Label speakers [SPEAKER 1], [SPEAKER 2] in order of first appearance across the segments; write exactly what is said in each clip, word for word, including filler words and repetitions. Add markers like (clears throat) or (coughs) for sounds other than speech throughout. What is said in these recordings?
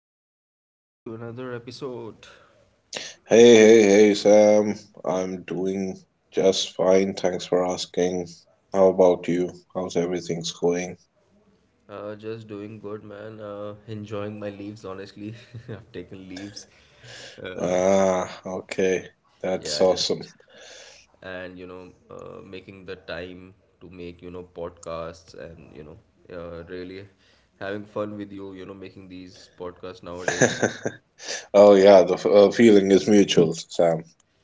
[SPEAKER 1] how are you? Welcome back to another episode.
[SPEAKER 2] Hey, hey, hey, Sam. I'm doing just fine. Thanks for asking. How about you? How's everything's going?
[SPEAKER 1] Uh, just doing good, man. Uh, enjoying my leaves, honestly. (laughs) I've taken leaves. Uh,
[SPEAKER 2] Ah, okay. That's
[SPEAKER 1] yeah,
[SPEAKER 2] awesome.
[SPEAKER 1] just and you know, uh, Making the time to make you know podcasts and you know, uh, really having fun with you. You know, making these podcasts nowadays.
[SPEAKER 2] (laughs) Oh, yeah, the f- uh, feeling is mutual, Sam,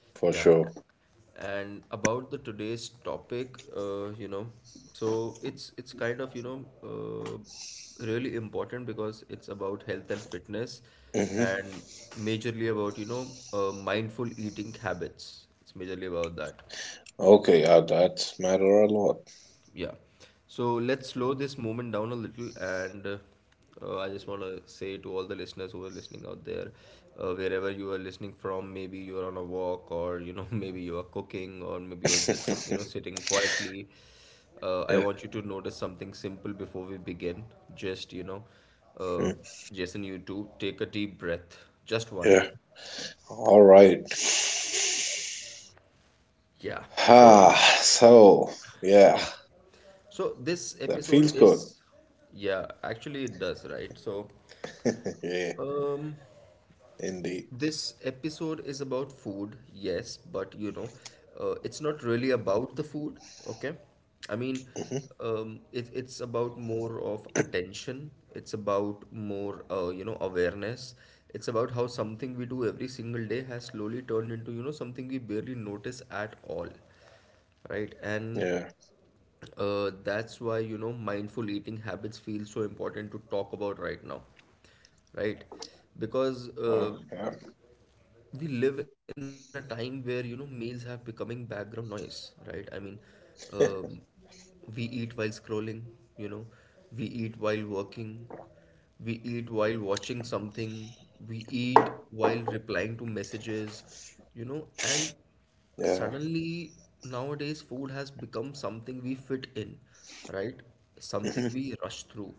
[SPEAKER 2] for
[SPEAKER 1] Yeah.
[SPEAKER 2] sure.
[SPEAKER 1] And about the today's topic, uh, you know, so it's it's kind of, you know, uh, really important because it's about health and fitness
[SPEAKER 2] hmm
[SPEAKER 1] and majorly about, you know, uh, mindful eating habits. It's majorly about that.
[SPEAKER 2] Okay, yeah, that matter a lot.
[SPEAKER 1] Yeah. So let's slow this moment down a little. And uh, uh, I just want to say to all the listeners who are listening out there, uh, wherever you are listening from. Maybe you're on a walk, or you know, (laughs) maybe you are cooking, or maybe you're just you know
[SPEAKER 2] (laughs)
[SPEAKER 1] sitting quietly. Uh, I
[SPEAKER 2] Yeah,
[SPEAKER 1] want you to notice something simple before we begin. Just you know, uh,
[SPEAKER 2] mm,
[SPEAKER 1] Jason, you too, take a deep breath, just one.
[SPEAKER 2] yeah. All right. (sighs)
[SPEAKER 1] Yeah. So
[SPEAKER 2] Ah, so, yeah,
[SPEAKER 1] yeah. So this
[SPEAKER 2] that
[SPEAKER 1] episode
[SPEAKER 2] feels good.
[SPEAKER 1] is, yeah, actually it does, right? So
[SPEAKER 2] (laughs) Yeah,
[SPEAKER 1] Um,
[SPEAKER 2] indeed.
[SPEAKER 1] this episode is about food, yes, but you know, uh, it's not really about the food, okay? I mean,
[SPEAKER 2] Hmm
[SPEAKER 1] um, it, it's about more of attention. It's about more, uh, you know, awareness. It's about how something we do every single day has slowly turned into, you know, something we barely notice at all, right? And
[SPEAKER 2] Yeah.
[SPEAKER 1] uh, that's why, you know, mindful eating habits feel so important to talk about right now, right? Because uh,
[SPEAKER 2] Oh, yeah.
[SPEAKER 1] we live in a time where you know meals have becoming background noise, right? i mean um,
[SPEAKER 2] (laughs)
[SPEAKER 1] we eat while scrolling, you know, we eat while working, we eat while watching something, we eat while replying to messages, you know. And
[SPEAKER 2] Yeah.
[SPEAKER 1] suddenly nowadays food has become something we fit in, right? Something
[SPEAKER 2] Mhm.
[SPEAKER 1] we rush through.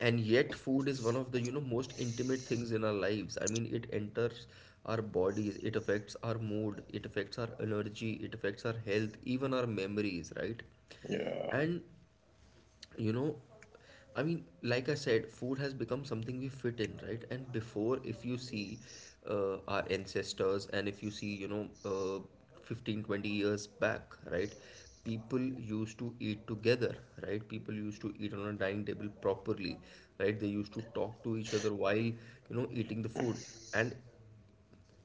[SPEAKER 1] And yet food is one of the you know most intimate things in our lives. I mean, it enters our bodies, it affects our mood, it affects our energy, it affects our health, even our memories, right?
[SPEAKER 2] Yeah.
[SPEAKER 1] And you know, I mean, like I said, food has become something we fit in, right? And before, if you see, uh, our ancestors, and if you see you know, uh, fifteen twenty years back, right? People used to eat together, right? People used to eat on a dining table properly, right? They used to talk to each other while you know eating the food. And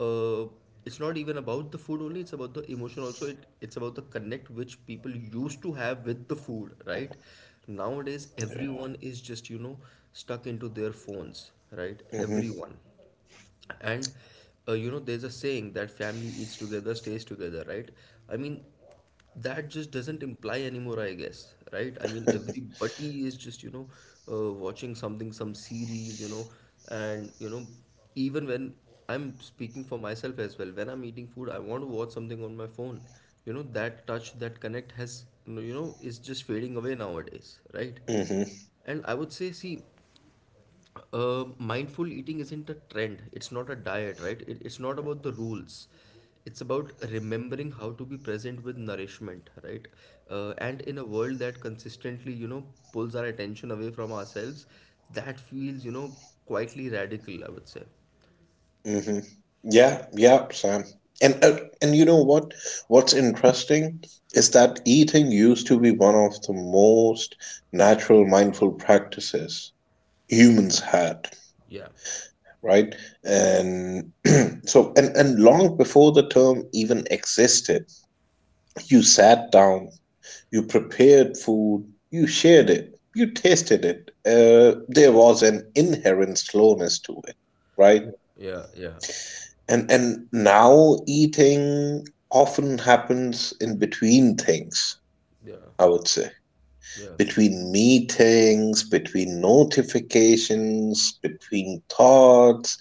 [SPEAKER 1] uh, it's not even about the food only, it's about the emotion also. It, it's about the connect which people used to have with the food, right? Nowadays,
[SPEAKER 2] Yeah.
[SPEAKER 1] everyone is just you know stuck into their phones, right?
[SPEAKER 2] Mhm.
[SPEAKER 1] Everyone. And uh, you know, there's a saying that family eats together stays together, right? I mean, that just doesn't imply anymore, I guess, right? I mean,
[SPEAKER 2] (laughs)
[SPEAKER 1] everybody is just you know, uh, watching something, some series, you know. And you know, even when I'm speaking for myself as well, when I'm eating food, I want to watch something on my phone, you know. That touch, that connect has you know is just fading away nowadays, right?
[SPEAKER 2] Mhm.
[SPEAKER 1] And I would say, see, uh, mindful eating isn't a trend. It's not a diet, right? It, it's not about the rules. It's about remembering how to be present with nourishment, right? Uh, and in a world that consistently, you know, pulls our attention away from ourselves, that feels, you know, quietly radical, I would say.
[SPEAKER 2] Mhm. Yeah. Yeah, Sam. And uh, and you know what? What's interesting is that eating used to be one of the most natural mindful practices humans had, right? And (clears throat) so and and long before the term even existed, you sat down. You prepared food, you shared it, you tasted it. Uh, there was an inherent slowness to it, right?
[SPEAKER 1] Yeah, yeah,
[SPEAKER 2] And and now eating often happens in between things,
[SPEAKER 1] yeah,
[SPEAKER 2] I would say.
[SPEAKER 1] yeah,
[SPEAKER 2] Between meetings, between notifications, between thoughts,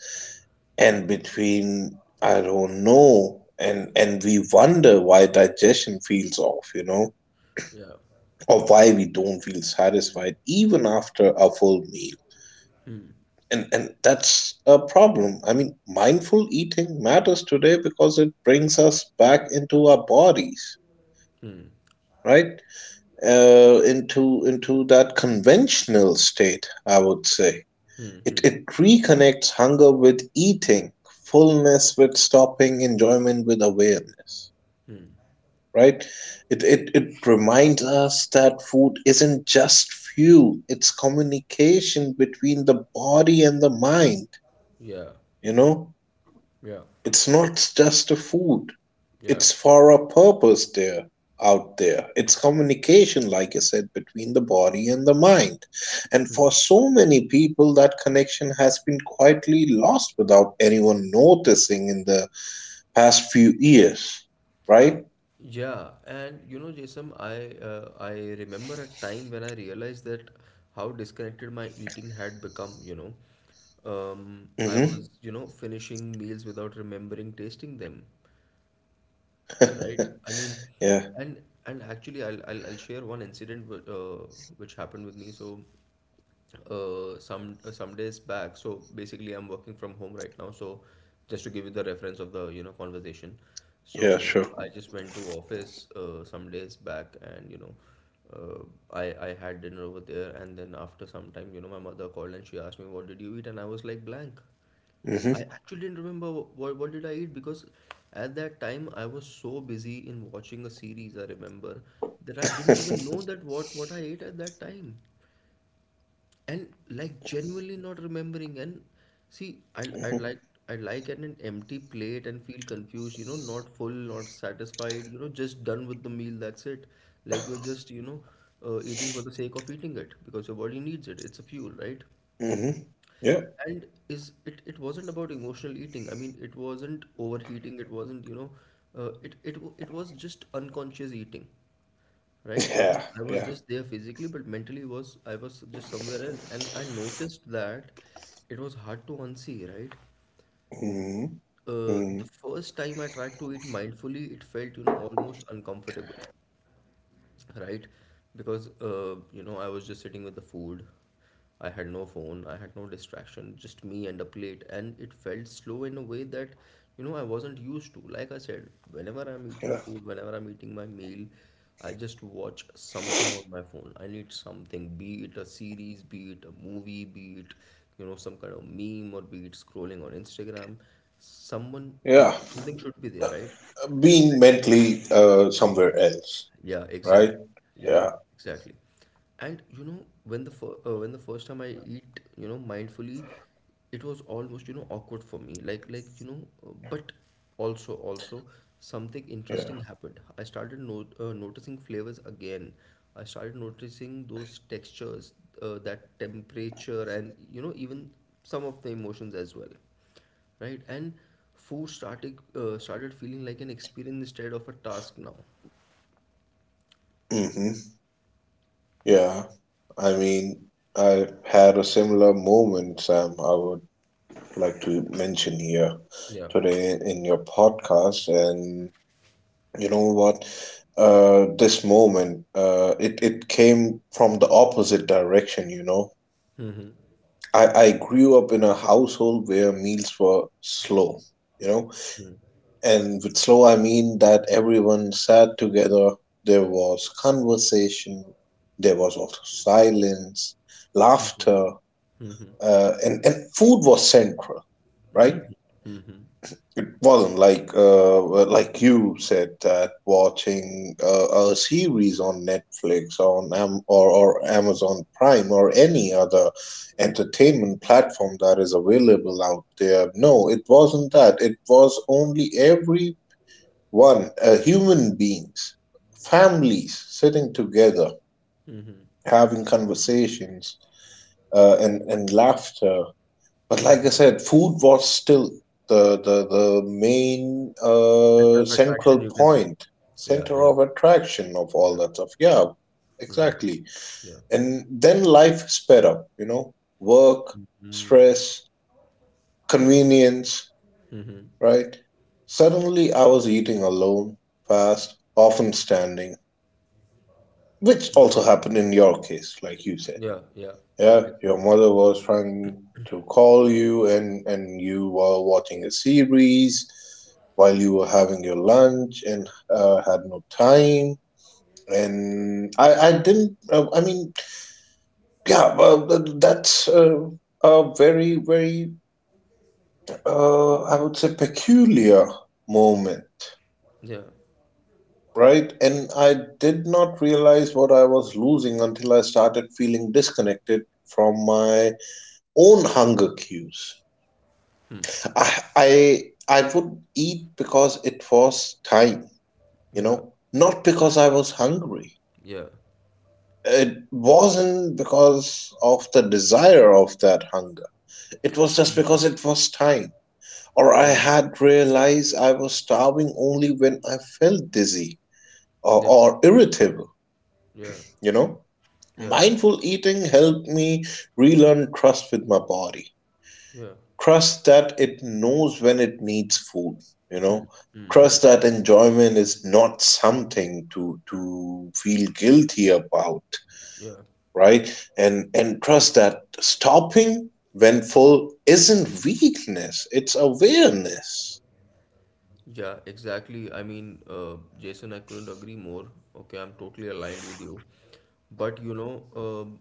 [SPEAKER 2] and between I don't know. And and we wonder why digestion feels off, you know,
[SPEAKER 1] yeah.
[SPEAKER 2] or why we don't feel satisfied even after a full meal. And, and that's a problem. I mean, mindful eating matters today because it brings us back into our bodies,
[SPEAKER 1] Hmm.
[SPEAKER 2] right? Uh, into into that conventional state, I would say.
[SPEAKER 1] Hmm.
[SPEAKER 2] It
[SPEAKER 1] Hmm.
[SPEAKER 2] it reconnects hunger with eating, fullness with stopping, enjoyment with awareness.
[SPEAKER 1] Hmm.
[SPEAKER 2] Right? It, it, it reminds us that food isn't just fuel, it's communication between the body and the mind.
[SPEAKER 1] Yeah,
[SPEAKER 2] You know,
[SPEAKER 1] yeah,
[SPEAKER 2] it's not just a food,
[SPEAKER 1] yeah.
[SPEAKER 2] it's for a purpose there, out there. It's communication, like I said, between the body and the mind. And for so many people, that connection has been quietly lost without anyone noticing in the past few years, right?
[SPEAKER 1] Yeah, and you know, Jason, I uh, I remember a time when I realized that how disconnected my eating had become, you know. Um, I
[SPEAKER 2] hmm
[SPEAKER 1] was, you know, finishing meals without remembering tasting them.
[SPEAKER 2] (laughs)
[SPEAKER 1] Right. I mean,
[SPEAKER 2] yeah,
[SPEAKER 1] and and actually, I'll I'll, I'll share one incident wh- uh, which happened with me. So, uh, some uh, some days back. So basically, I'm working from home right now. So, just to give you the reference of the you know conversation. So
[SPEAKER 2] yeah, sure.
[SPEAKER 1] I just went to office uh, some days back, and you know, uh, I I had dinner over there, and then after some time, you know, my mother called and she asked me, "What did you eat?" And I was like, "Blank." I
[SPEAKER 2] Mm-hmm.
[SPEAKER 1] actually didn't remember what, what did I eat, because at that time I was so busy in watching a series, I remember, that I didn't even know that what, what I ate at that time. And like genuinely not remembering. And see I I like I like an, an empty plate and feel confused, you know, not full, not satisfied, you know, just done with the meal, that's it. Like you're just, you know, uh, eating for the sake of eating it because your body needs it. It's a fuel, right?
[SPEAKER 2] hmm (laughs) Yeah.
[SPEAKER 1] And is it, it wasn't about emotional eating. I mean, it wasn't overheating. It wasn't, you know, uh, it, it w- it was just unconscious eating, right? I
[SPEAKER 2] Yeah.
[SPEAKER 1] mean, I was
[SPEAKER 2] Yeah.
[SPEAKER 1] just there physically, but mentally was I was just somewhere else, and I noticed that it was hard to unsee, right?
[SPEAKER 2] hmm
[SPEAKER 1] Uh, the
[SPEAKER 2] hmm
[SPEAKER 1] first time I tried to eat mindfully, it felt, you know, almost uncomfortable, right? Because uh, you know, I was just sitting with the food. I had no phone, I had no distraction, just me and a plate, and it felt slow in a way that you know I wasn't used to. Like I said, whenever I'm eating
[SPEAKER 2] Yeah.
[SPEAKER 1] food, whenever I'm eating my meal, I just watch something on my phone. I need something, be it a series, be it a movie, be it you know some kind of meme, or be it scrolling on instagram, someone, uh,
[SPEAKER 2] Yeah.
[SPEAKER 1] something should be there, right? And
[SPEAKER 2] Being mentally uh, somewhere else,
[SPEAKER 1] yeah,
[SPEAKER 2] right?
[SPEAKER 1] exactly. Yeah,
[SPEAKER 2] Yeah.
[SPEAKER 1] exactly. And you know, when the fir- uh, when the first time I eat, you know, mindfully, it was almost, you know, awkward for me. Like like, you know, uh, but also also something
[SPEAKER 2] Yeah.
[SPEAKER 1] interesting happened. I started no uh, noticing flavors again. I started noticing those textures, uh, that temperature, and you know, even some of the emotions as well, right? And food started uh, started feeling like an experience instead of a task now.
[SPEAKER 2] hmm Yeah. I mean, I had a similar moment, Sam. I would like to mention here
[SPEAKER 1] Yeah.
[SPEAKER 2] today in your podcast. And you know what? Uh, this moment, uh, it, it came from the opposite direction, you know. I, I grew up in a household where meals were slow, you know. And with slow, I mean that everyone sat together, there was conversation, there was also silence, laughter, uh, and, and food was central, right?
[SPEAKER 1] Hmm.
[SPEAKER 2] It wasn't like uh, well, like you said that watching uh, a series on Netflix on Am- or or Amazon Prime or any other entertainment platform that is available out there. No, it wasn't that. It was only everyone, uh, human beings, families sitting together,
[SPEAKER 1] Hmm.
[SPEAKER 2] having conversations uh, and and laughter, but like I said, food was still the the the main
[SPEAKER 1] Center
[SPEAKER 2] uh,
[SPEAKER 1] of
[SPEAKER 2] central
[SPEAKER 1] attraction, you can say.
[SPEAKER 2] point,
[SPEAKER 1] Yeah,
[SPEAKER 2] center
[SPEAKER 1] yeah,
[SPEAKER 2] of attraction of all
[SPEAKER 1] yeah,
[SPEAKER 2] that stuff. Yeah,
[SPEAKER 1] hmm,
[SPEAKER 2] exactly.
[SPEAKER 1] yeah,
[SPEAKER 2] And then life sped up. You know, work, stress, convenience,
[SPEAKER 1] hmm,
[SPEAKER 2] right? Suddenly, I was eating alone, fast, often standing, which also happened in your case, like you said.
[SPEAKER 1] yeah, yeah, yeah,
[SPEAKER 2] Yeah, your
[SPEAKER 1] exactly.
[SPEAKER 2] mother was trying to call you and and you were watching a series while you were having your lunch and uh, had no time. And I I didn't uh, I mean yeah uh, th- that's uh, a very very uh, I would say peculiar moment,
[SPEAKER 1] Yeah,
[SPEAKER 2] right? And I did not realize what I was losing until I started feeling disconnected from my own hunger cues. I I I would eat because it was time, you
[SPEAKER 1] yeah,
[SPEAKER 2] know, not
[SPEAKER 1] yeah,
[SPEAKER 2] because I was hungry.
[SPEAKER 1] yeah,
[SPEAKER 2] It wasn't because of the desire of that hunger. It was just because it was time. Or
[SPEAKER 1] yeah,
[SPEAKER 2] I had realized I was starving only when I felt dizzy, or,
[SPEAKER 1] yeah,
[SPEAKER 2] or irritable,
[SPEAKER 1] yeah,
[SPEAKER 2] you know.
[SPEAKER 1] yeah,
[SPEAKER 2] Mindful eating helped me relearn trust with my body.
[SPEAKER 1] yeah,
[SPEAKER 2] Trust that it knows when it needs food, you know. Trust that enjoyment is not something to to feel guilty about,
[SPEAKER 1] yeah,
[SPEAKER 2] right? And and trust that stopping when full isn't weakness, it's awareness.
[SPEAKER 1] yeah, exactly. I mean, uh, Jason, I couldn't agree more. Okay, I'm totally aligned with you. But you know, um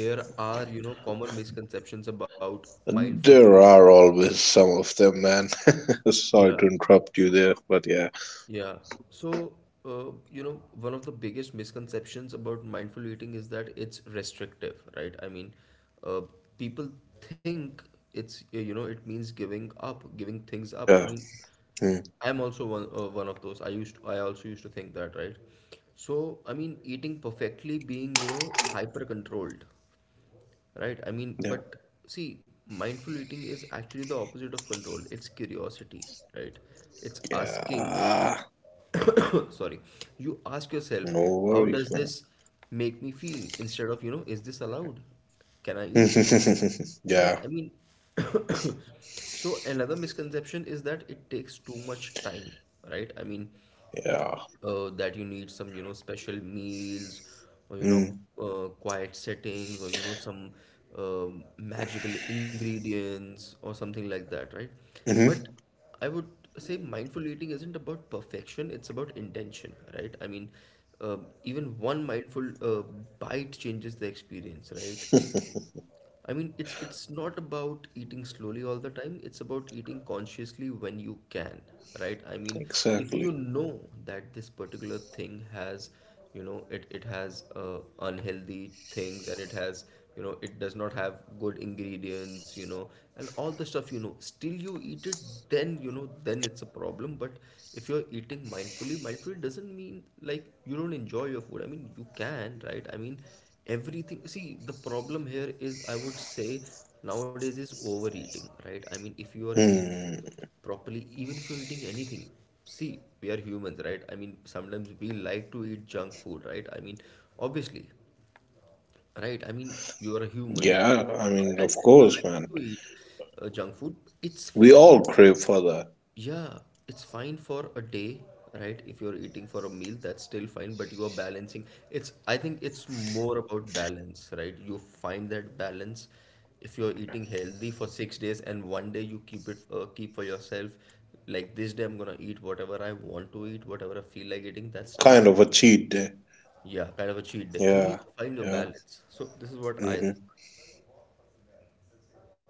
[SPEAKER 1] there are, you know, common misconceptions about mindful
[SPEAKER 2] There
[SPEAKER 1] eating.
[SPEAKER 2] are always some of them, man. (laughs) Sorry
[SPEAKER 1] Yeah.
[SPEAKER 2] to interrupt you there, but yeah.
[SPEAKER 1] Yeah. So, uh, you know, one of the biggest misconceptions about mindful eating is that it's restrictive, right? I mean, uh, people think it's, uh, you know, it means giving up, giving things up. I
[SPEAKER 2] Yeah.
[SPEAKER 1] mean,
[SPEAKER 2] Mm.
[SPEAKER 1] I'm also one, uh, one of those. I used to, I also used to think that, right? So, I mean, eating perfectly, being, you know, hyper controlled, right? I mean,
[SPEAKER 2] Yeah.
[SPEAKER 1] but see, mindful eating is actually the opposite of control. It's curiosity, right? It's asking.
[SPEAKER 2] Yeah.
[SPEAKER 1] (coughs) Sorry. You ask yourself,
[SPEAKER 2] No
[SPEAKER 1] how
[SPEAKER 2] worries,
[SPEAKER 1] does
[SPEAKER 2] man.
[SPEAKER 1] this make me feel, instead of you know, is this allowed, can I eat this,
[SPEAKER 2] (laughs) Yeah,
[SPEAKER 1] right? I mean, (coughs) so another misconception is that it takes too much time, right? I mean,
[SPEAKER 2] yeah.
[SPEAKER 1] uh, that you need some you know special meals, or you know,
[SPEAKER 2] Mm.
[SPEAKER 1] uh, quiet settings, or you know some um magical ingredients or something like that, right? But
[SPEAKER 2] hmm
[SPEAKER 1] I would say mindful eating isn't about perfection, it's about intention, right? I mean, uh, even one mindful uh, bite changes the experience, right? I mean, it's it's not about eating slowly all the time. It's about eating consciously when you can, right? I mean, if
[SPEAKER 2] Exactly.
[SPEAKER 1] you know that this particular thing has, you know, it it has uh, unhealthy things, and it has, you know, it does not have good ingredients, you know, and all the stuff you know. Still, you eat it, then you know, then it's a problem. But if you're eating mindfully, mindfully doesn't mean like you don't enjoy your food. I mean, you can, right? I mean, everything, see, the problem here is, I would say, nowadays is overeating, right? I mean, if you are eat
[SPEAKER 2] Hmm.
[SPEAKER 1] properly, even if you're eating anything, see, we are humans, right? I mean, sometimes we like to eat junk food, right? I mean, obviously, right? I mean, you are a human,
[SPEAKER 2] Yeah,
[SPEAKER 1] you have
[SPEAKER 2] I
[SPEAKER 1] a heart,
[SPEAKER 2] mean,
[SPEAKER 1] and,
[SPEAKER 2] of
[SPEAKER 1] and you
[SPEAKER 2] course,
[SPEAKER 1] like to
[SPEAKER 2] man.
[SPEAKER 1] eat uh, junk food, it's
[SPEAKER 2] We
[SPEAKER 1] fine.
[SPEAKER 2] all crave for that
[SPEAKER 1] Yeah, it's fine for a day, right? If you're eating for a meal, that's still fine, but you are balancing. It's, I think it's more about balance, right? You find that balance. If you're eating healthy for six days and one day you keep it, uh, keep for yourself, like this day I'm gonna eat whatever I want to eat, whatever I feel like eating, that's still
[SPEAKER 2] kind
[SPEAKER 1] fine.
[SPEAKER 2] of a cheat day.
[SPEAKER 1] Yeah, kind of a cheat day. You
[SPEAKER 2] Yeah,
[SPEAKER 1] need to find your
[SPEAKER 2] yeah.
[SPEAKER 1] balance. So this is what I think.
[SPEAKER 2] hmm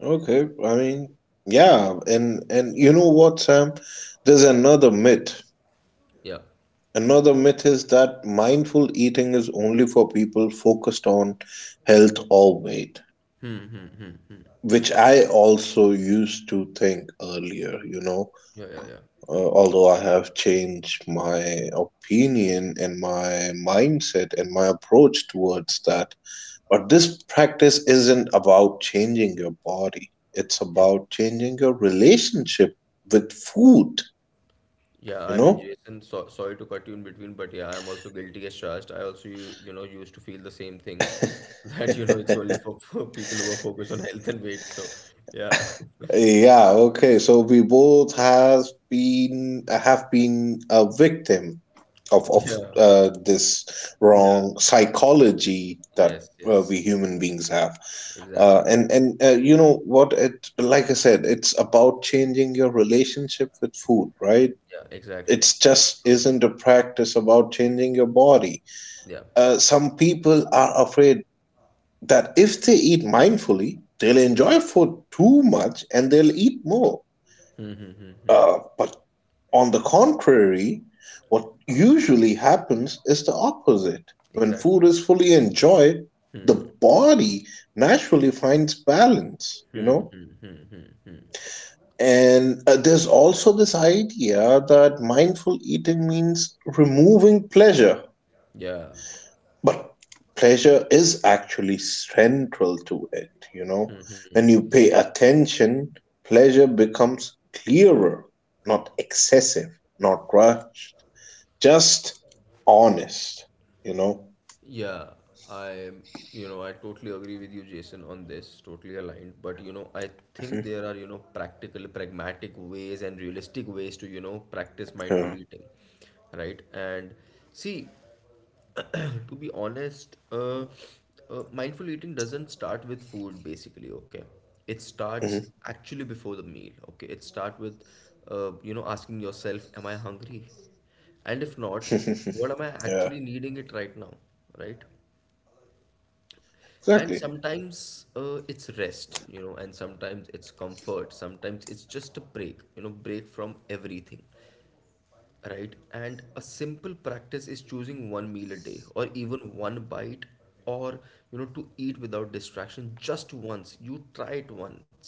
[SPEAKER 2] Okay, I mean, yeah, and and you know what, Sam? There's another myth.
[SPEAKER 1] Yeah,
[SPEAKER 2] Another myth is that mindful eating is only for people focused on health or weight, which I also used to think earlier, you know,
[SPEAKER 1] yeah, yeah, yeah,
[SPEAKER 2] uh, although I have changed my opinion and my mindset and my approach towards that. But this practice isn't about changing your body, it's
[SPEAKER 1] yeah.
[SPEAKER 2] about changing your relationship with food,
[SPEAKER 1] Yeah,
[SPEAKER 2] you
[SPEAKER 1] I mean,
[SPEAKER 2] know?
[SPEAKER 1] Jason, so, sorry to cut you in between, but yeah, I'm also guilty as charged. I also, you, you know, used to feel the same thing (laughs) that, you know, it's
[SPEAKER 2] (laughs)
[SPEAKER 1] only for, for people who are focused on health and weight. So, yeah,
[SPEAKER 2] Yeah, okay. So we both has been have been a victim of
[SPEAKER 1] (laughs)
[SPEAKER 2] of
[SPEAKER 1] yeah,
[SPEAKER 2] uh, this
[SPEAKER 1] yeah,
[SPEAKER 2] wrong psychology that
[SPEAKER 1] yes,
[SPEAKER 2] uh,
[SPEAKER 1] yes,
[SPEAKER 2] we human beings have. Uh,
[SPEAKER 1] exactly.
[SPEAKER 2] and and uh, You know what, it like I said, it's about changing your relationship with food, right?
[SPEAKER 1] Yeah, exactly.
[SPEAKER 2] it's just
[SPEAKER 1] True.
[SPEAKER 2] isn't a practice about changing your body.
[SPEAKER 1] Yeah,
[SPEAKER 2] Uh, some people are afraid that if they eat mindfully they'll enjoy food too much and they'll eat more, uh, but on the contrary, what usually happens is the opposite. When food
[SPEAKER 1] exactly.
[SPEAKER 2] is fully enjoyed, the body naturally finds balance, you know. And uh, there's also this idea that mindful eating means removing pleasure,
[SPEAKER 1] Yeah.
[SPEAKER 2] but pleasure is actually central to it. You know, when you pay attention, pleasure becomes clearer, not excessive, not rushed, just honest. You know?
[SPEAKER 1] Yeah, I, you know, I totally agree with you, Jason, on this, totally aligned. But, you know, I think there
[SPEAKER 2] Mhm.
[SPEAKER 1] are, you know, practical, pragmatic ways and realistic ways to, you know, practice mindful
[SPEAKER 2] Yeah.
[SPEAKER 1] eating, right? And see, (clears throat) to be honest, uh, uh, mindful eating doesn't start with food, basically, okay? It starts
[SPEAKER 2] Mhm.
[SPEAKER 1] actually before the meal, okay? It starts with, uh, you know, asking yourself, am I hungry? And if not,
[SPEAKER 2] (laughs)
[SPEAKER 1] what am I
[SPEAKER 2] Yeah,
[SPEAKER 1] actually needing it right now, right? And
[SPEAKER 2] exactly.
[SPEAKER 1] sometimes uh, it's rest, you know, and sometimes it's comfort, sometimes it's just a break, you know, break from everything, right? And a simple practice is choosing one meal a day or even one bite or, you know, to eat without distraction just once. You try it once.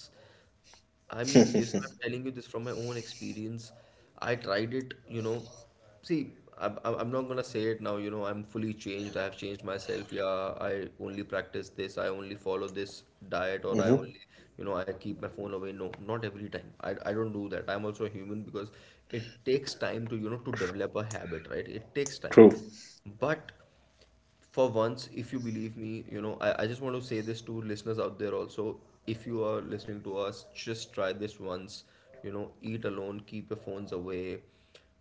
[SPEAKER 1] I mean, Jason, I'm
[SPEAKER 2] (laughs)
[SPEAKER 1] telling you this from my own experience. I tried it, you know. See, i I'm I'm not gonna say it now, you know, I'm fully changed. I have changed myself. Yeah, I only practice this. I only follow this diet, or I
[SPEAKER 2] hmm
[SPEAKER 1] only, you know, I keep my phone away. No, not every time. I, I don't do that. I'm also a human because it takes time to, you know, to develop a habit, right? It takes time.
[SPEAKER 2] True.
[SPEAKER 1] But for once, if you believe me, you know, I, I just want to say this to listeners out there also. If you are listening to us, just try this once. You know, eat alone, keep your phones away.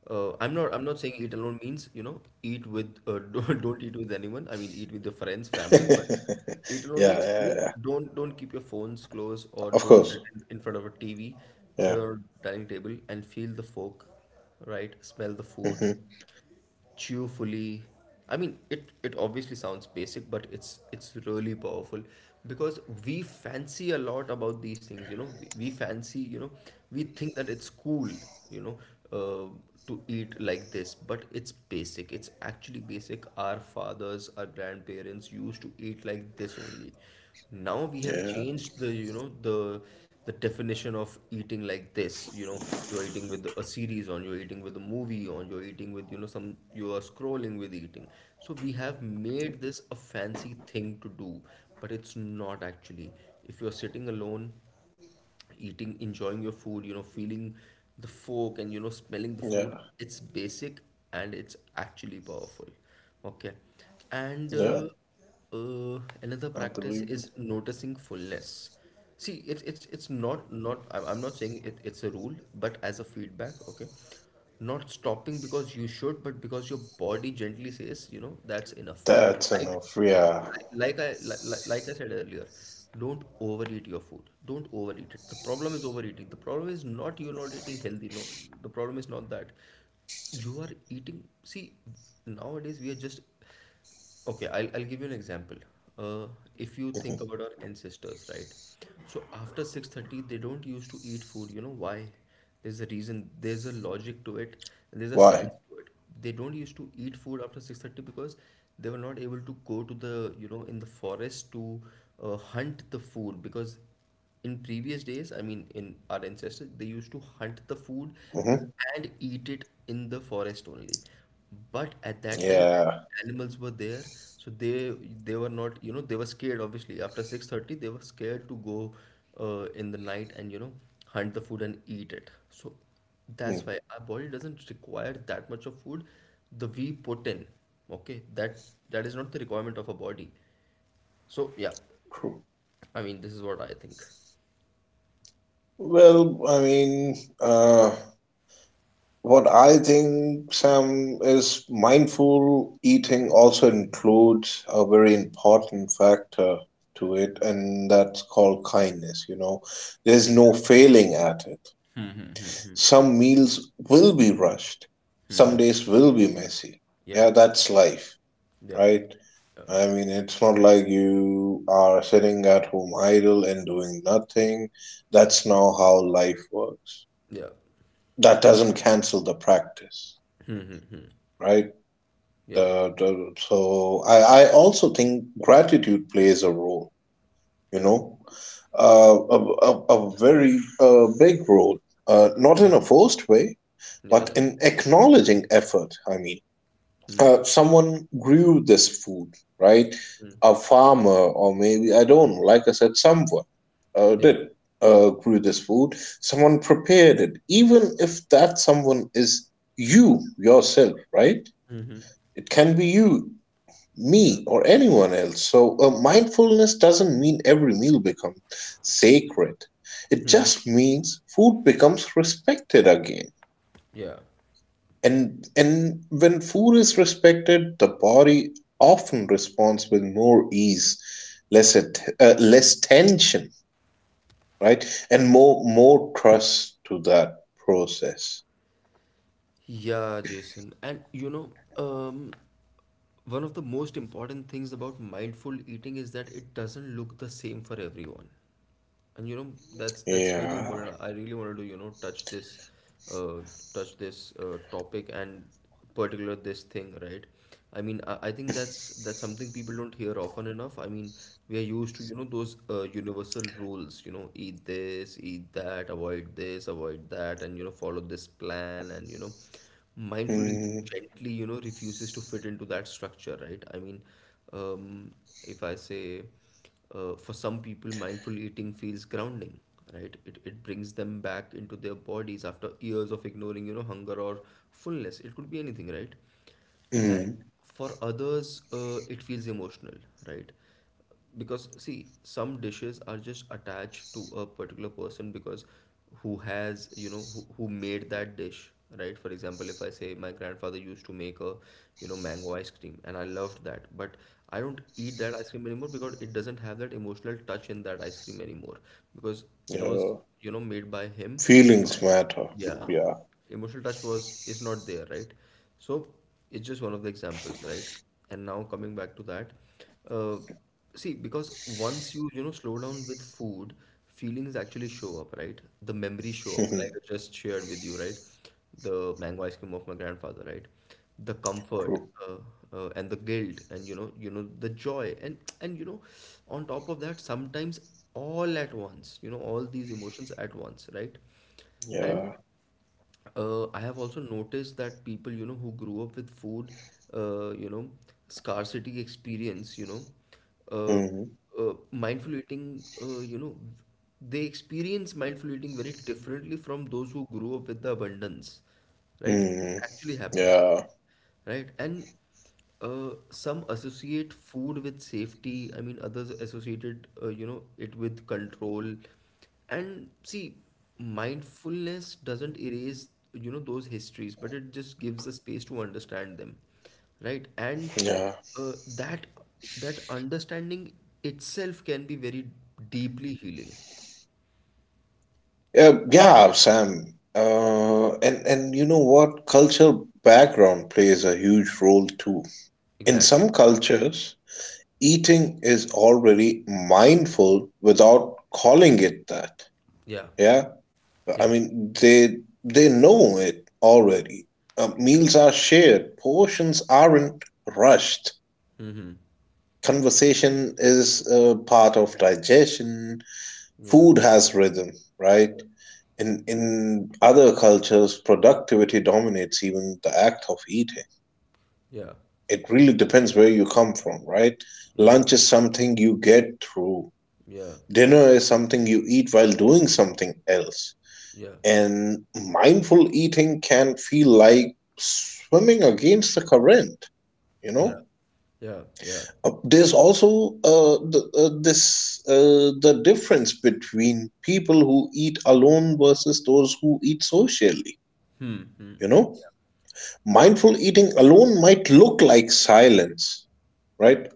[SPEAKER 1] Uh, I'm not. I'm not saying eat alone means you know eat with. Uh, (laughs) don't, don't eat with anyone. I mean, eat with your friends,
[SPEAKER 2] (laughs)
[SPEAKER 1] family, but
[SPEAKER 2] Yeah,
[SPEAKER 1] eat alone
[SPEAKER 2] yeah,
[SPEAKER 1] means I mean
[SPEAKER 2] yeah.
[SPEAKER 1] don't don't keep your phones close or
[SPEAKER 2] Of
[SPEAKER 1] don't
[SPEAKER 2] course.
[SPEAKER 1] sit in, in front of a T V,
[SPEAKER 2] Yeah.
[SPEAKER 1] sit on a dining table and feel the fork, right? Smell the food,
[SPEAKER 2] hmm
[SPEAKER 1] cheerfully. I mean, it it obviously sounds basic, but it's it's really powerful, because we fancy a lot about these things, you know. We, we fancy, you know, we think that it's cool, you know, uh, to eat like this, but it's basic. It's actually basic. Our fathers, our grandparents used to eat like this only. Now we have
[SPEAKER 2] Yeah,
[SPEAKER 1] changed the, you know, the the definition of eating like this, you know. You're eating with a series on, you're eating with a movie on, you're eating with, you know, some, you are scrolling with eating. So we have made this a fancy thing to do, but it's not actually. If you're sitting alone, eating, enjoying your food, you know, feeling the fork and, you know, smelling the
[SPEAKER 2] yeah,
[SPEAKER 1] food, it's basic, and it's actually powerful. Okay. And
[SPEAKER 2] yeah.
[SPEAKER 1] uh, uh, another
[SPEAKER 2] I
[SPEAKER 1] practice
[SPEAKER 2] believe you.
[SPEAKER 1] is noticing fullness. See, it's it's it's not not I'm I'm not saying it, it's a rule, but as a feedback, okay? Not stopping because you should, but because your body gently says, you know, that's enough.
[SPEAKER 2] That and
[SPEAKER 1] like
[SPEAKER 2] of yeah.
[SPEAKER 1] like I like, like like like I said earlier, don't overeat your food. Don't overeat it. The problem is overeating. The problem is not you're not eating healthy. No, the problem is not that you are eating. See, nowadays we are just. Okay, I'll, I'll give you an example. Uh, if you think
[SPEAKER 2] hmm
[SPEAKER 1] about our ancestors, right? So after six thirty, they don't used to eat food. You know why? There's a reason. There's a logic to it. And there's a
[SPEAKER 2] Why?
[SPEAKER 1] science to it. They don't used to eat food after six thirty because they were not able to go to the, you know, in the forest to uh, hunt the food, because in previous days, I mean, in our ancestors, they used to hunt the food
[SPEAKER 2] Hmm
[SPEAKER 1] and eat it in the forest only. But at that time,
[SPEAKER 2] Yeah.
[SPEAKER 1] animals were there, so they they were not, you know, they were scared. Obviously, after six thirty, they were scared to go uh, in the night and, you know, hunt the food and eat it. So
[SPEAKER 2] Hmm,
[SPEAKER 1] that's why our body doesn't require that much of food. The we put in, okay, that that is not the requirement of a body. So yeah,
[SPEAKER 2] true.
[SPEAKER 1] I mean, this is what I think.
[SPEAKER 2] Well, I mean, uh, what I think, Sam, is mindful eating also includes a very important factor to it, and that's called kindness. You know, there's no failing at it.
[SPEAKER 1] Hmm, hmm, hmm, hmm,
[SPEAKER 2] Some meals will be rushed.
[SPEAKER 1] hmm,
[SPEAKER 2] Some
[SPEAKER 1] hmm.
[SPEAKER 2] days will be messy.
[SPEAKER 1] Yeah,
[SPEAKER 2] Yeah, that's life,
[SPEAKER 1] yeah,
[SPEAKER 2] right?
[SPEAKER 1] yeah,
[SPEAKER 2] I mean, it's not like you are sitting at home idle and doing nothing. That's not how life works.
[SPEAKER 1] yeah,
[SPEAKER 2] That doesn't cancel the practice,
[SPEAKER 1] Hmm, hmm, hmm.
[SPEAKER 2] right?
[SPEAKER 1] yeah,
[SPEAKER 2] The, the, so I, I also think gratitude plays a role, you
[SPEAKER 1] yeah,
[SPEAKER 2] know, uh, a, a, a very uh, big role. Uh, not in
[SPEAKER 1] yeah,
[SPEAKER 2] a forced way,
[SPEAKER 1] yeah,
[SPEAKER 2] but
[SPEAKER 1] yeah,
[SPEAKER 2] in acknowledging effort. I mean,
[SPEAKER 1] Hmm,
[SPEAKER 2] uh, someone grew this food, right?
[SPEAKER 1] hmm,
[SPEAKER 2] A farmer, or maybe I don't know, like I said, someone uh,
[SPEAKER 1] yeah,
[SPEAKER 2] did uh, grew this food, someone prepared it, even if that someone is you yourself, right?
[SPEAKER 1] Hmm, hmm,
[SPEAKER 2] It can be you,
[SPEAKER 1] yeah,
[SPEAKER 2] me or anyone else. So uh, mindfulness doesn't mean every meal becomes sacred, it
[SPEAKER 1] Hmm, hmm,
[SPEAKER 2] just means food becomes respected again.
[SPEAKER 1] yeah,
[SPEAKER 2] And and when food is respected, the body often responds with more ease, less at, uh, less tension, right? And more more trust to that process.
[SPEAKER 1] yeah, Jason. And you know, um, one of the most important things about mindful eating is that it doesn't look the same for everyone. And you know that's that's really
[SPEAKER 2] Yeah.
[SPEAKER 1] important. I really wanted to, you know, touch this, uh, touch this uh, topic and particular this thing, right? I mean, I, I think that's that's something people don't hear often enough. I mean, we are used to, you know, those uh, universal rules, you know, eat this, eat that, avoid this, avoid that, and you know follow this plan, and you know, mindful eating
[SPEAKER 2] Mm,
[SPEAKER 1] gently, you know, refuses to fit into that structure, right? I mean, um, if I say, uh, for some people mindful eating feels grounding, right? It, it brings them back into their bodies after years of ignoring, you know, hunger or fullness. It could be anything, right?
[SPEAKER 2] mm,
[SPEAKER 1] And for others, uh, it feels emotional, right? Because see, some dishes are just attached to a particular person because who has, you know, who, who made that dish, right? For example, if I say, my grandfather used to make a, you know, mango ice cream, and I loved that, but I don't eat that ice cream anymore because it doesn't have that emotional touch in that ice cream anymore, because it was,
[SPEAKER 2] yeah.
[SPEAKER 1] you know, made by him.
[SPEAKER 2] Feelings matter.
[SPEAKER 1] Yeah,
[SPEAKER 2] Yeah.
[SPEAKER 1] emotional touch was is not there, right? So it's just one of the examples, right? And now coming back to that, uh, see, because once you, you know, slow down with food, feelings actually show up, right? The memories show up, like I
[SPEAKER 2] (laughs)
[SPEAKER 1] just shared with you, right? The mango ice cream of my grandfather, right? The comfort,
[SPEAKER 2] True.
[SPEAKER 1] uh, uh, and the guilt, and you know, you know, the joy, and and you know, on top of that, sometimes all at once, you know, all these emotions at once, right? And
[SPEAKER 2] Yeah.
[SPEAKER 1] uh, I have also noticed that people, you know, who grew up with food, uh, you know, scarcity experience, you know,
[SPEAKER 2] Mm,
[SPEAKER 1] uh, uh, mindful eating, uh, you know, they experience mindful eating very differently from those who grew up with the abundance, right? It
[SPEAKER 2] mm,
[SPEAKER 1] actually happens,
[SPEAKER 2] yeah.
[SPEAKER 1] right? And uh, some associate food with safety. I mean, others associated, uh, you know, it with control. And see, mindfulness doesn't erase, you know, those histories, but it just gives a space to understand them, right? And
[SPEAKER 2] Yeah.
[SPEAKER 1] uh, that that understanding itself can be very deeply healing.
[SPEAKER 2] Yeah. Yeah. Sam. Uh, and and you know what? Cultural background plays a huge role too. In
[SPEAKER 1] Exactly.
[SPEAKER 2] some cultures, eating is already mindful without calling it that.
[SPEAKER 1] Yeah.
[SPEAKER 2] Yeah, I
[SPEAKER 1] Yeah.
[SPEAKER 2] mean, they they know it already. Uh,
[SPEAKER 1] Yeah.
[SPEAKER 2] meals are shared, portions aren't rushed.
[SPEAKER 1] Mm-hmm.
[SPEAKER 2] Conversation is uh, part of digestion.
[SPEAKER 1] Yeah.
[SPEAKER 2] Food has rhythm, right? In in other cultures, productivity dominates even the act of eating.
[SPEAKER 1] Yeah.
[SPEAKER 2] It really depends where you come from, right?
[SPEAKER 1] Yeah.
[SPEAKER 2] Lunch is something you get through.
[SPEAKER 1] Yeah.
[SPEAKER 2] Dinner is something you eat while doing something else,
[SPEAKER 1] Yeah.
[SPEAKER 2] and mindful eating can feel like swimming against the current, you
[SPEAKER 1] Yeah.
[SPEAKER 2] know?
[SPEAKER 1] Yeah, yeah.
[SPEAKER 2] Uh, There's also uh, the, uh, this uh, the difference between people who eat alone versus those who eat socially,
[SPEAKER 1] Hmm.
[SPEAKER 2] you know? Mindful eating alone might look like silence, right?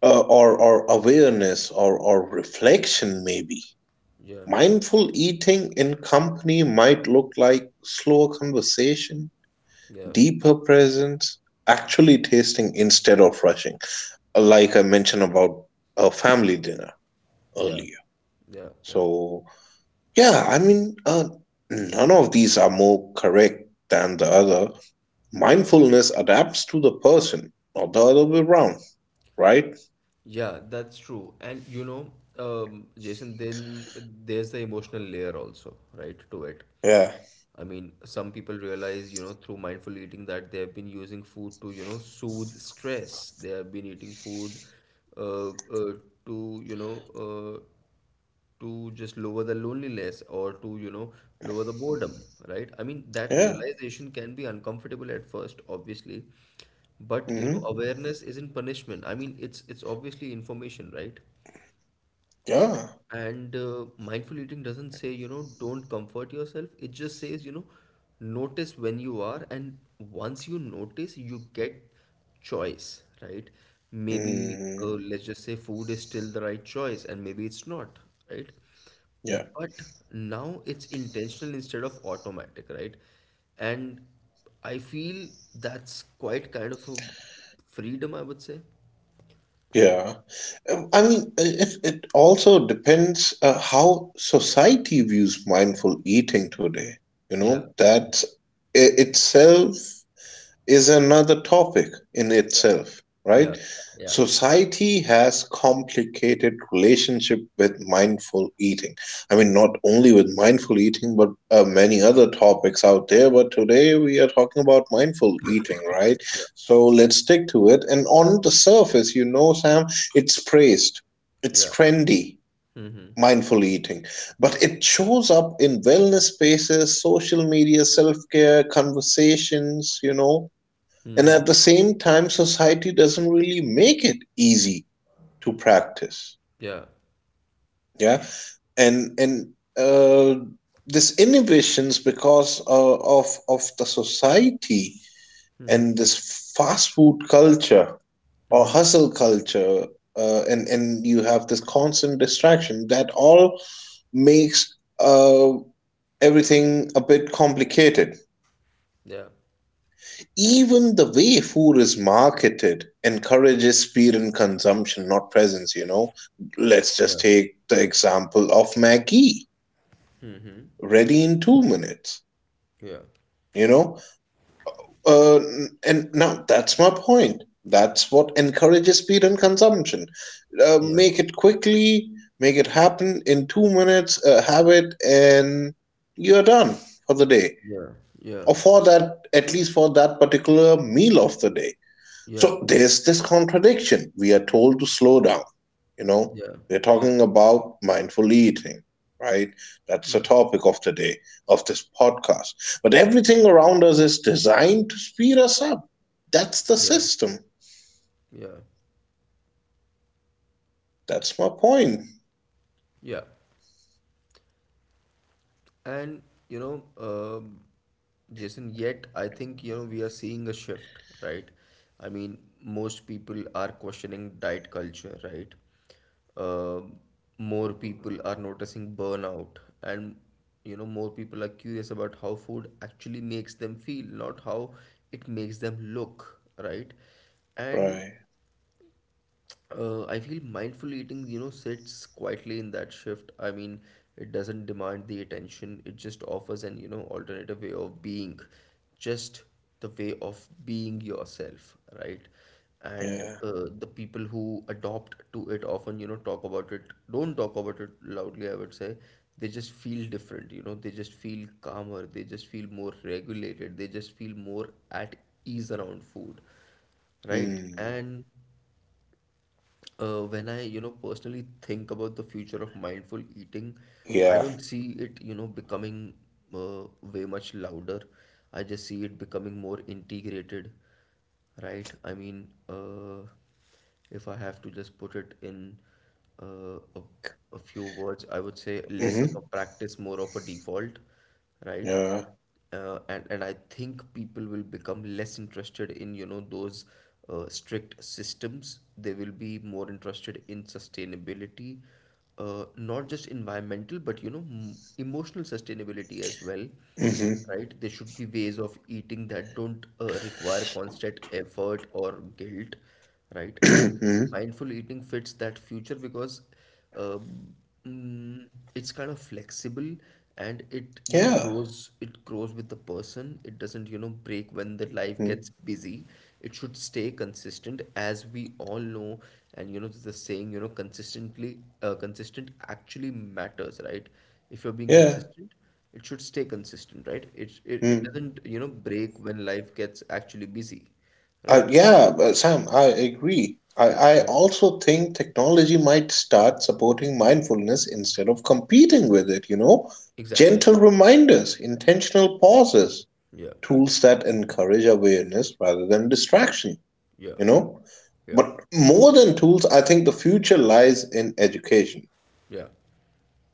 [SPEAKER 2] Uh, or or awareness, or or reflection maybe.
[SPEAKER 1] Yeah,
[SPEAKER 2] Mindful eating in company might look like slower conversation,
[SPEAKER 1] yeah,
[SPEAKER 2] deeper presence, actually tasting instead of rushing, like I mentioned about a family dinner
[SPEAKER 1] yeah,
[SPEAKER 2] earlier.
[SPEAKER 1] yeah, yeah.
[SPEAKER 2] So, yeah, I mean, uh, none of these are more correct than the other. Mindfulness adapts to the person, not the other way around, right?
[SPEAKER 1] Yeah, that's true. And you know, um, Jason, then there's the emotional layer also, right, to it.
[SPEAKER 2] Yeah,
[SPEAKER 1] I mean, some people realize, you know, through mindful eating that they have been using food to, you know, soothe stress. They have been eating food uh, uh, to, you know, uh, to just lower the loneliness or to, you know, lower the boredom, right? I mean, that
[SPEAKER 2] yeah,
[SPEAKER 1] realization can be uncomfortable at first, obviously, but you know,
[SPEAKER 2] hmm
[SPEAKER 1] awareness isn't punishment. I mean, it's it's obviously information, right?
[SPEAKER 2] yeah,
[SPEAKER 1] And uh, mindful eating doesn't say, you know, don't comfort yourself. It just says, you know, notice when you are. And once you notice, you get choice, right? Maybe, uh,
[SPEAKER 2] mm,
[SPEAKER 1] let's just say food is still the right choice, and maybe it's not, right?
[SPEAKER 2] yeah,
[SPEAKER 1] But now it's intentional instead of automatic, right? And I feel that's quite kind of a freedom, I would say.
[SPEAKER 2] yeah. Um, I mean, uh, it, it also depends uh, how society views mindful eating today. You
[SPEAKER 1] Yeah,
[SPEAKER 2] know, that i- itself is another topic in itself,
[SPEAKER 1] yeah,
[SPEAKER 2] right?
[SPEAKER 1] yeah,
[SPEAKER 2] Society has complicated relationship with mindful eating. I mean, not only with mindful eating, but uh, many other topics out there. But today we are talking about mindful eating, right?
[SPEAKER 1] yeah,
[SPEAKER 2] So let's stick to it. And on the surface, you know, Sam, it's praised, it's
[SPEAKER 1] yeah.
[SPEAKER 2] trendy,
[SPEAKER 1] Mm-hmm.
[SPEAKER 2] mindful eating, but it shows up in wellness spaces, social media, self care, conversations, you know. And at the same time, society doesn't really make it easy to practice.
[SPEAKER 1] Yeah.
[SPEAKER 2] Yeah. And, and, uh, this inhibitions because uh, of of the society and this fast food culture or hustle culture, uh, and and you have this constant distraction that all makes uh, everything a bit complicated.
[SPEAKER 1] Yeah.
[SPEAKER 2] Even the way food is marketed encourages speed and consumption, not presence, you know. Let's
[SPEAKER 1] Yeah.
[SPEAKER 2] just take the example of Maggie, ready in two minutes,
[SPEAKER 1] Yeah.
[SPEAKER 2] you know. Uh, and now that's my point. That's what encourages speed and consumption. Uh,
[SPEAKER 1] Yeah.
[SPEAKER 2] make it quickly, make it happen in two minutes, uh, have it, and you're done for the day.
[SPEAKER 1] Yeah. Yeah.
[SPEAKER 2] Or for that, at least for that particular meal of the day. So there's this contradiction. We are told to slow down. You know,
[SPEAKER 1] Yeah.
[SPEAKER 2] we're
[SPEAKER 1] Yeah.
[SPEAKER 2] talking about mindful eating, right? That's the
[SPEAKER 1] Yeah.
[SPEAKER 2] topic of the day, of this podcast. But everything around us is designed to speed us up. That's the
[SPEAKER 1] Yeah. Yeah.
[SPEAKER 2] system.
[SPEAKER 1] Yeah.
[SPEAKER 2] That's my point.
[SPEAKER 1] Yeah. And you know, um Jason, yet I think, you know, we are seeing a shift, right? I mean, most people are questioning diet culture, right? Uh, more people are noticing burnout, and you know, more people are curious about how food actually makes them feel, not how it makes them look, right? And
[SPEAKER 2] Right.
[SPEAKER 1] uh, I feel mindful eating, you know, sits quietly in that shift. I mean, it doesn't demand the attention. It just offers an, you know, alternative way of being, just the way of being yourself, right? And
[SPEAKER 2] Yeah.
[SPEAKER 1] uh, the people who adopt to it often, you know, talk about it, don't talk about it loudly, I would say. They just feel different, you know, they just feel calmer, they just feel more regulated, they just feel more at ease around food, right?
[SPEAKER 2] Hmm.
[SPEAKER 1] And uh, when I, you know, personally think about the future of mindful eating, I
[SPEAKER 2] Yeah.
[SPEAKER 1] don't see it, you know, becoming uh, way much louder. I just see it becoming more integrated, right? I mean, uh, if I have to just put it in uh, a, a few words, I would say less of a
[SPEAKER 2] Mm-hmm.
[SPEAKER 1] practice, more of a default, right?
[SPEAKER 2] Yeah.
[SPEAKER 1] uh, and and I think people will become less interested in, you know, those uh, strict systems. They will be more interested in sustainability, uh, not just environmental, but you know m- emotional sustainability as well,
[SPEAKER 2] Mm-hmm. (clears throat)
[SPEAKER 1] right? There should be ways of eating that don't uh, require constant effort or guilt, right? And
[SPEAKER 2] Mm-hmm.
[SPEAKER 1] mindful eating fits that future because um, mm, it's kind of flexible and it, you know,
[SPEAKER 2] Yeah.
[SPEAKER 1] grows it grows with the person. It doesn't, you know, break when the life
[SPEAKER 2] Mm.
[SPEAKER 1] gets busy. It should stay consistent, as we all know. And you know the saying, you know, consistently uh, consistent actually matters, right? If you're being
[SPEAKER 2] Yeah.
[SPEAKER 1] consistent, it should stay consistent, right? It, it it
[SPEAKER 2] Mm.
[SPEAKER 1] doesn't, you know, break when life gets actually busy, right?
[SPEAKER 2] Uh, yeah, uh, Sam, I agree. I, I
[SPEAKER 1] Yeah,
[SPEAKER 2] also think technology might start supporting mindfulness instead of competing with it, you know?
[SPEAKER 1] exactly.
[SPEAKER 2] Gentle reminders, intentional pauses,
[SPEAKER 1] yeah
[SPEAKER 2] tools that encourage awareness rather than distraction,
[SPEAKER 1] yeah
[SPEAKER 2] you know?
[SPEAKER 1] yeah
[SPEAKER 2] But more than tools, I think the future lies in education,
[SPEAKER 1] yeah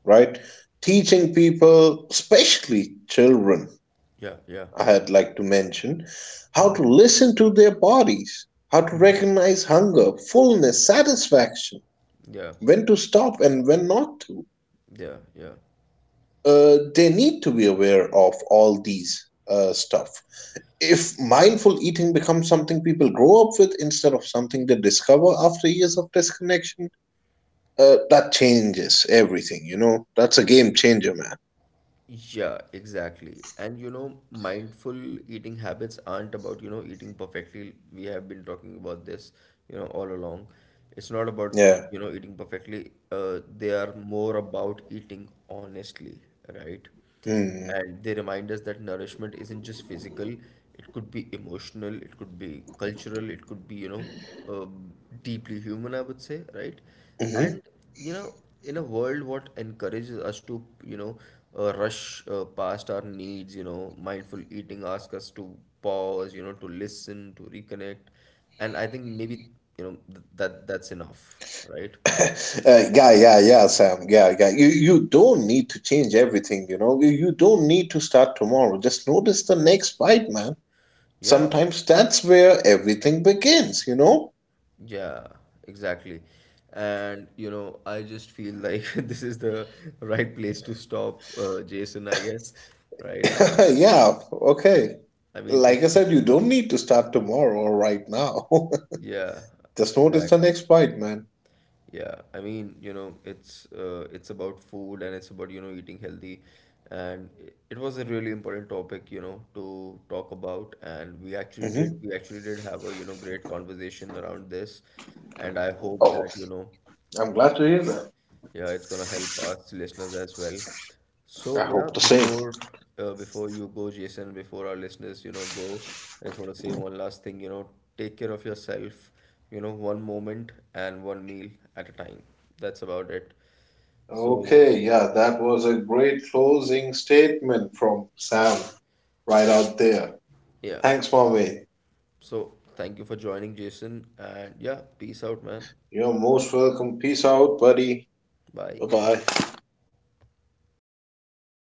[SPEAKER 2] right? Teaching people, especially children,
[SPEAKER 1] Yeah, yeah.
[SPEAKER 2] I'd like to mention how to listen to their bodies, how to
[SPEAKER 1] Mhm.
[SPEAKER 2] recognize hunger, fullness, satisfaction,
[SPEAKER 1] Yeah,
[SPEAKER 2] when to stop and when not to.
[SPEAKER 1] yeah, yeah.
[SPEAKER 2] Uh, they need to be aware of all these uh, stuff. If mindful eating becomes something people grow up with instead of something they discover after years of disconnection, uh, that changes everything, you know? That's a game changer, man.
[SPEAKER 1] Yeah, exactly. And you know, mindful eating habits aren't about, you know, eating perfectly. We have been talking about this, you know, all along. It's not about,
[SPEAKER 2] Yeah.
[SPEAKER 1] you know, eating perfectly. Uh, they are more about eating honestly, right?
[SPEAKER 2] Mm-hmm.
[SPEAKER 1] And they remind us that nourishment isn't just physical, it could be emotional, it could be cultural, it could be, you know, um, deeply human, I would say, right?
[SPEAKER 2] Mm-hmm.
[SPEAKER 1] And, you know, in a world what encourages us to, you know, uh, rush uh, past our needs, you know, mindful eating asks us to pause, you know, to listen, to reconnect. And I think maybe, you know, th that that's enough, right?
[SPEAKER 2] Uh, yeah, yeah, yeah, Sam. Yeah, yeah. You you don't need to change everything. You know, you, you don't need to start tomorrow. Just notice the next bite, man.
[SPEAKER 1] Yeah.
[SPEAKER 2] Sometimes that's where everything begins. You know.
[SPEAKER 1] Yeah, exactly. And you know, I just feel like (laughs) this is the right place to stop, uh, Jason, I guess. Right? I mean,
[SPEAKER 2] (laughs)
[SPEAKER 1] it's,
[SPEAKER 2] Yeah. Okay.
[SPEAKER 1] I mean, it,
[SPEAKER 2] Like I said,
[SPEAKER 1] it's
[SPEAKER 2] you
[SPEAKER 1] about,
[SPEAKER 2] don't need to start tomorrow or right now. (laughs)
[SPEAKER 1] yeah,
[SPEAKER 2] Just notice the
[SPEAKER 1] exactly.
[SPEAKER 2] next bite, man.
[SPEAKER 1] Yeah, I mean, you know, it's uh, it's about food and it's about, you know, eating healthy. And i- it was a really important topic, you know, to talk about. And we actually did,
[SPEAKER 2] Hmm
[SPEAKER 1] we actually did have a, you know, great conversation around this. And I hope
[SPEAKER 2] Oh,
[SPEAKER 1] that, you know,
[SPEAKER 2] I'm glad to hear that.
[SPEAKER 1] yeah, it's gonna help us listeners as well. So
[SPEAKER 2] I
[SPEAKER 1] yeah,
[SPEAKER 2] hope the same.
[SPEAKER 1] before uh, before you go, Jason, before our listeners, you know, go, I just want to say one last thing, you know, take care of yourself, you know, one moment and one meal at a time. That's about it. So
[SPEAKER 2] Okay, yeah, that was a great closing statement from Sam right
[SPEAKER 1] yeah,
[SPEAKER 2] out there.
[SPEAKER 1] yeah.
[SPEAKER 2] Thanks, Mommy.
[SPEAKER 1] So thank you for joining, Jason, and yeah, peace out, man.
[SPEAKER 2] You're most welcome. Peace out, buddy.
[SPEAKER 1] Bye.
[SPEAKER 2] Bye bye.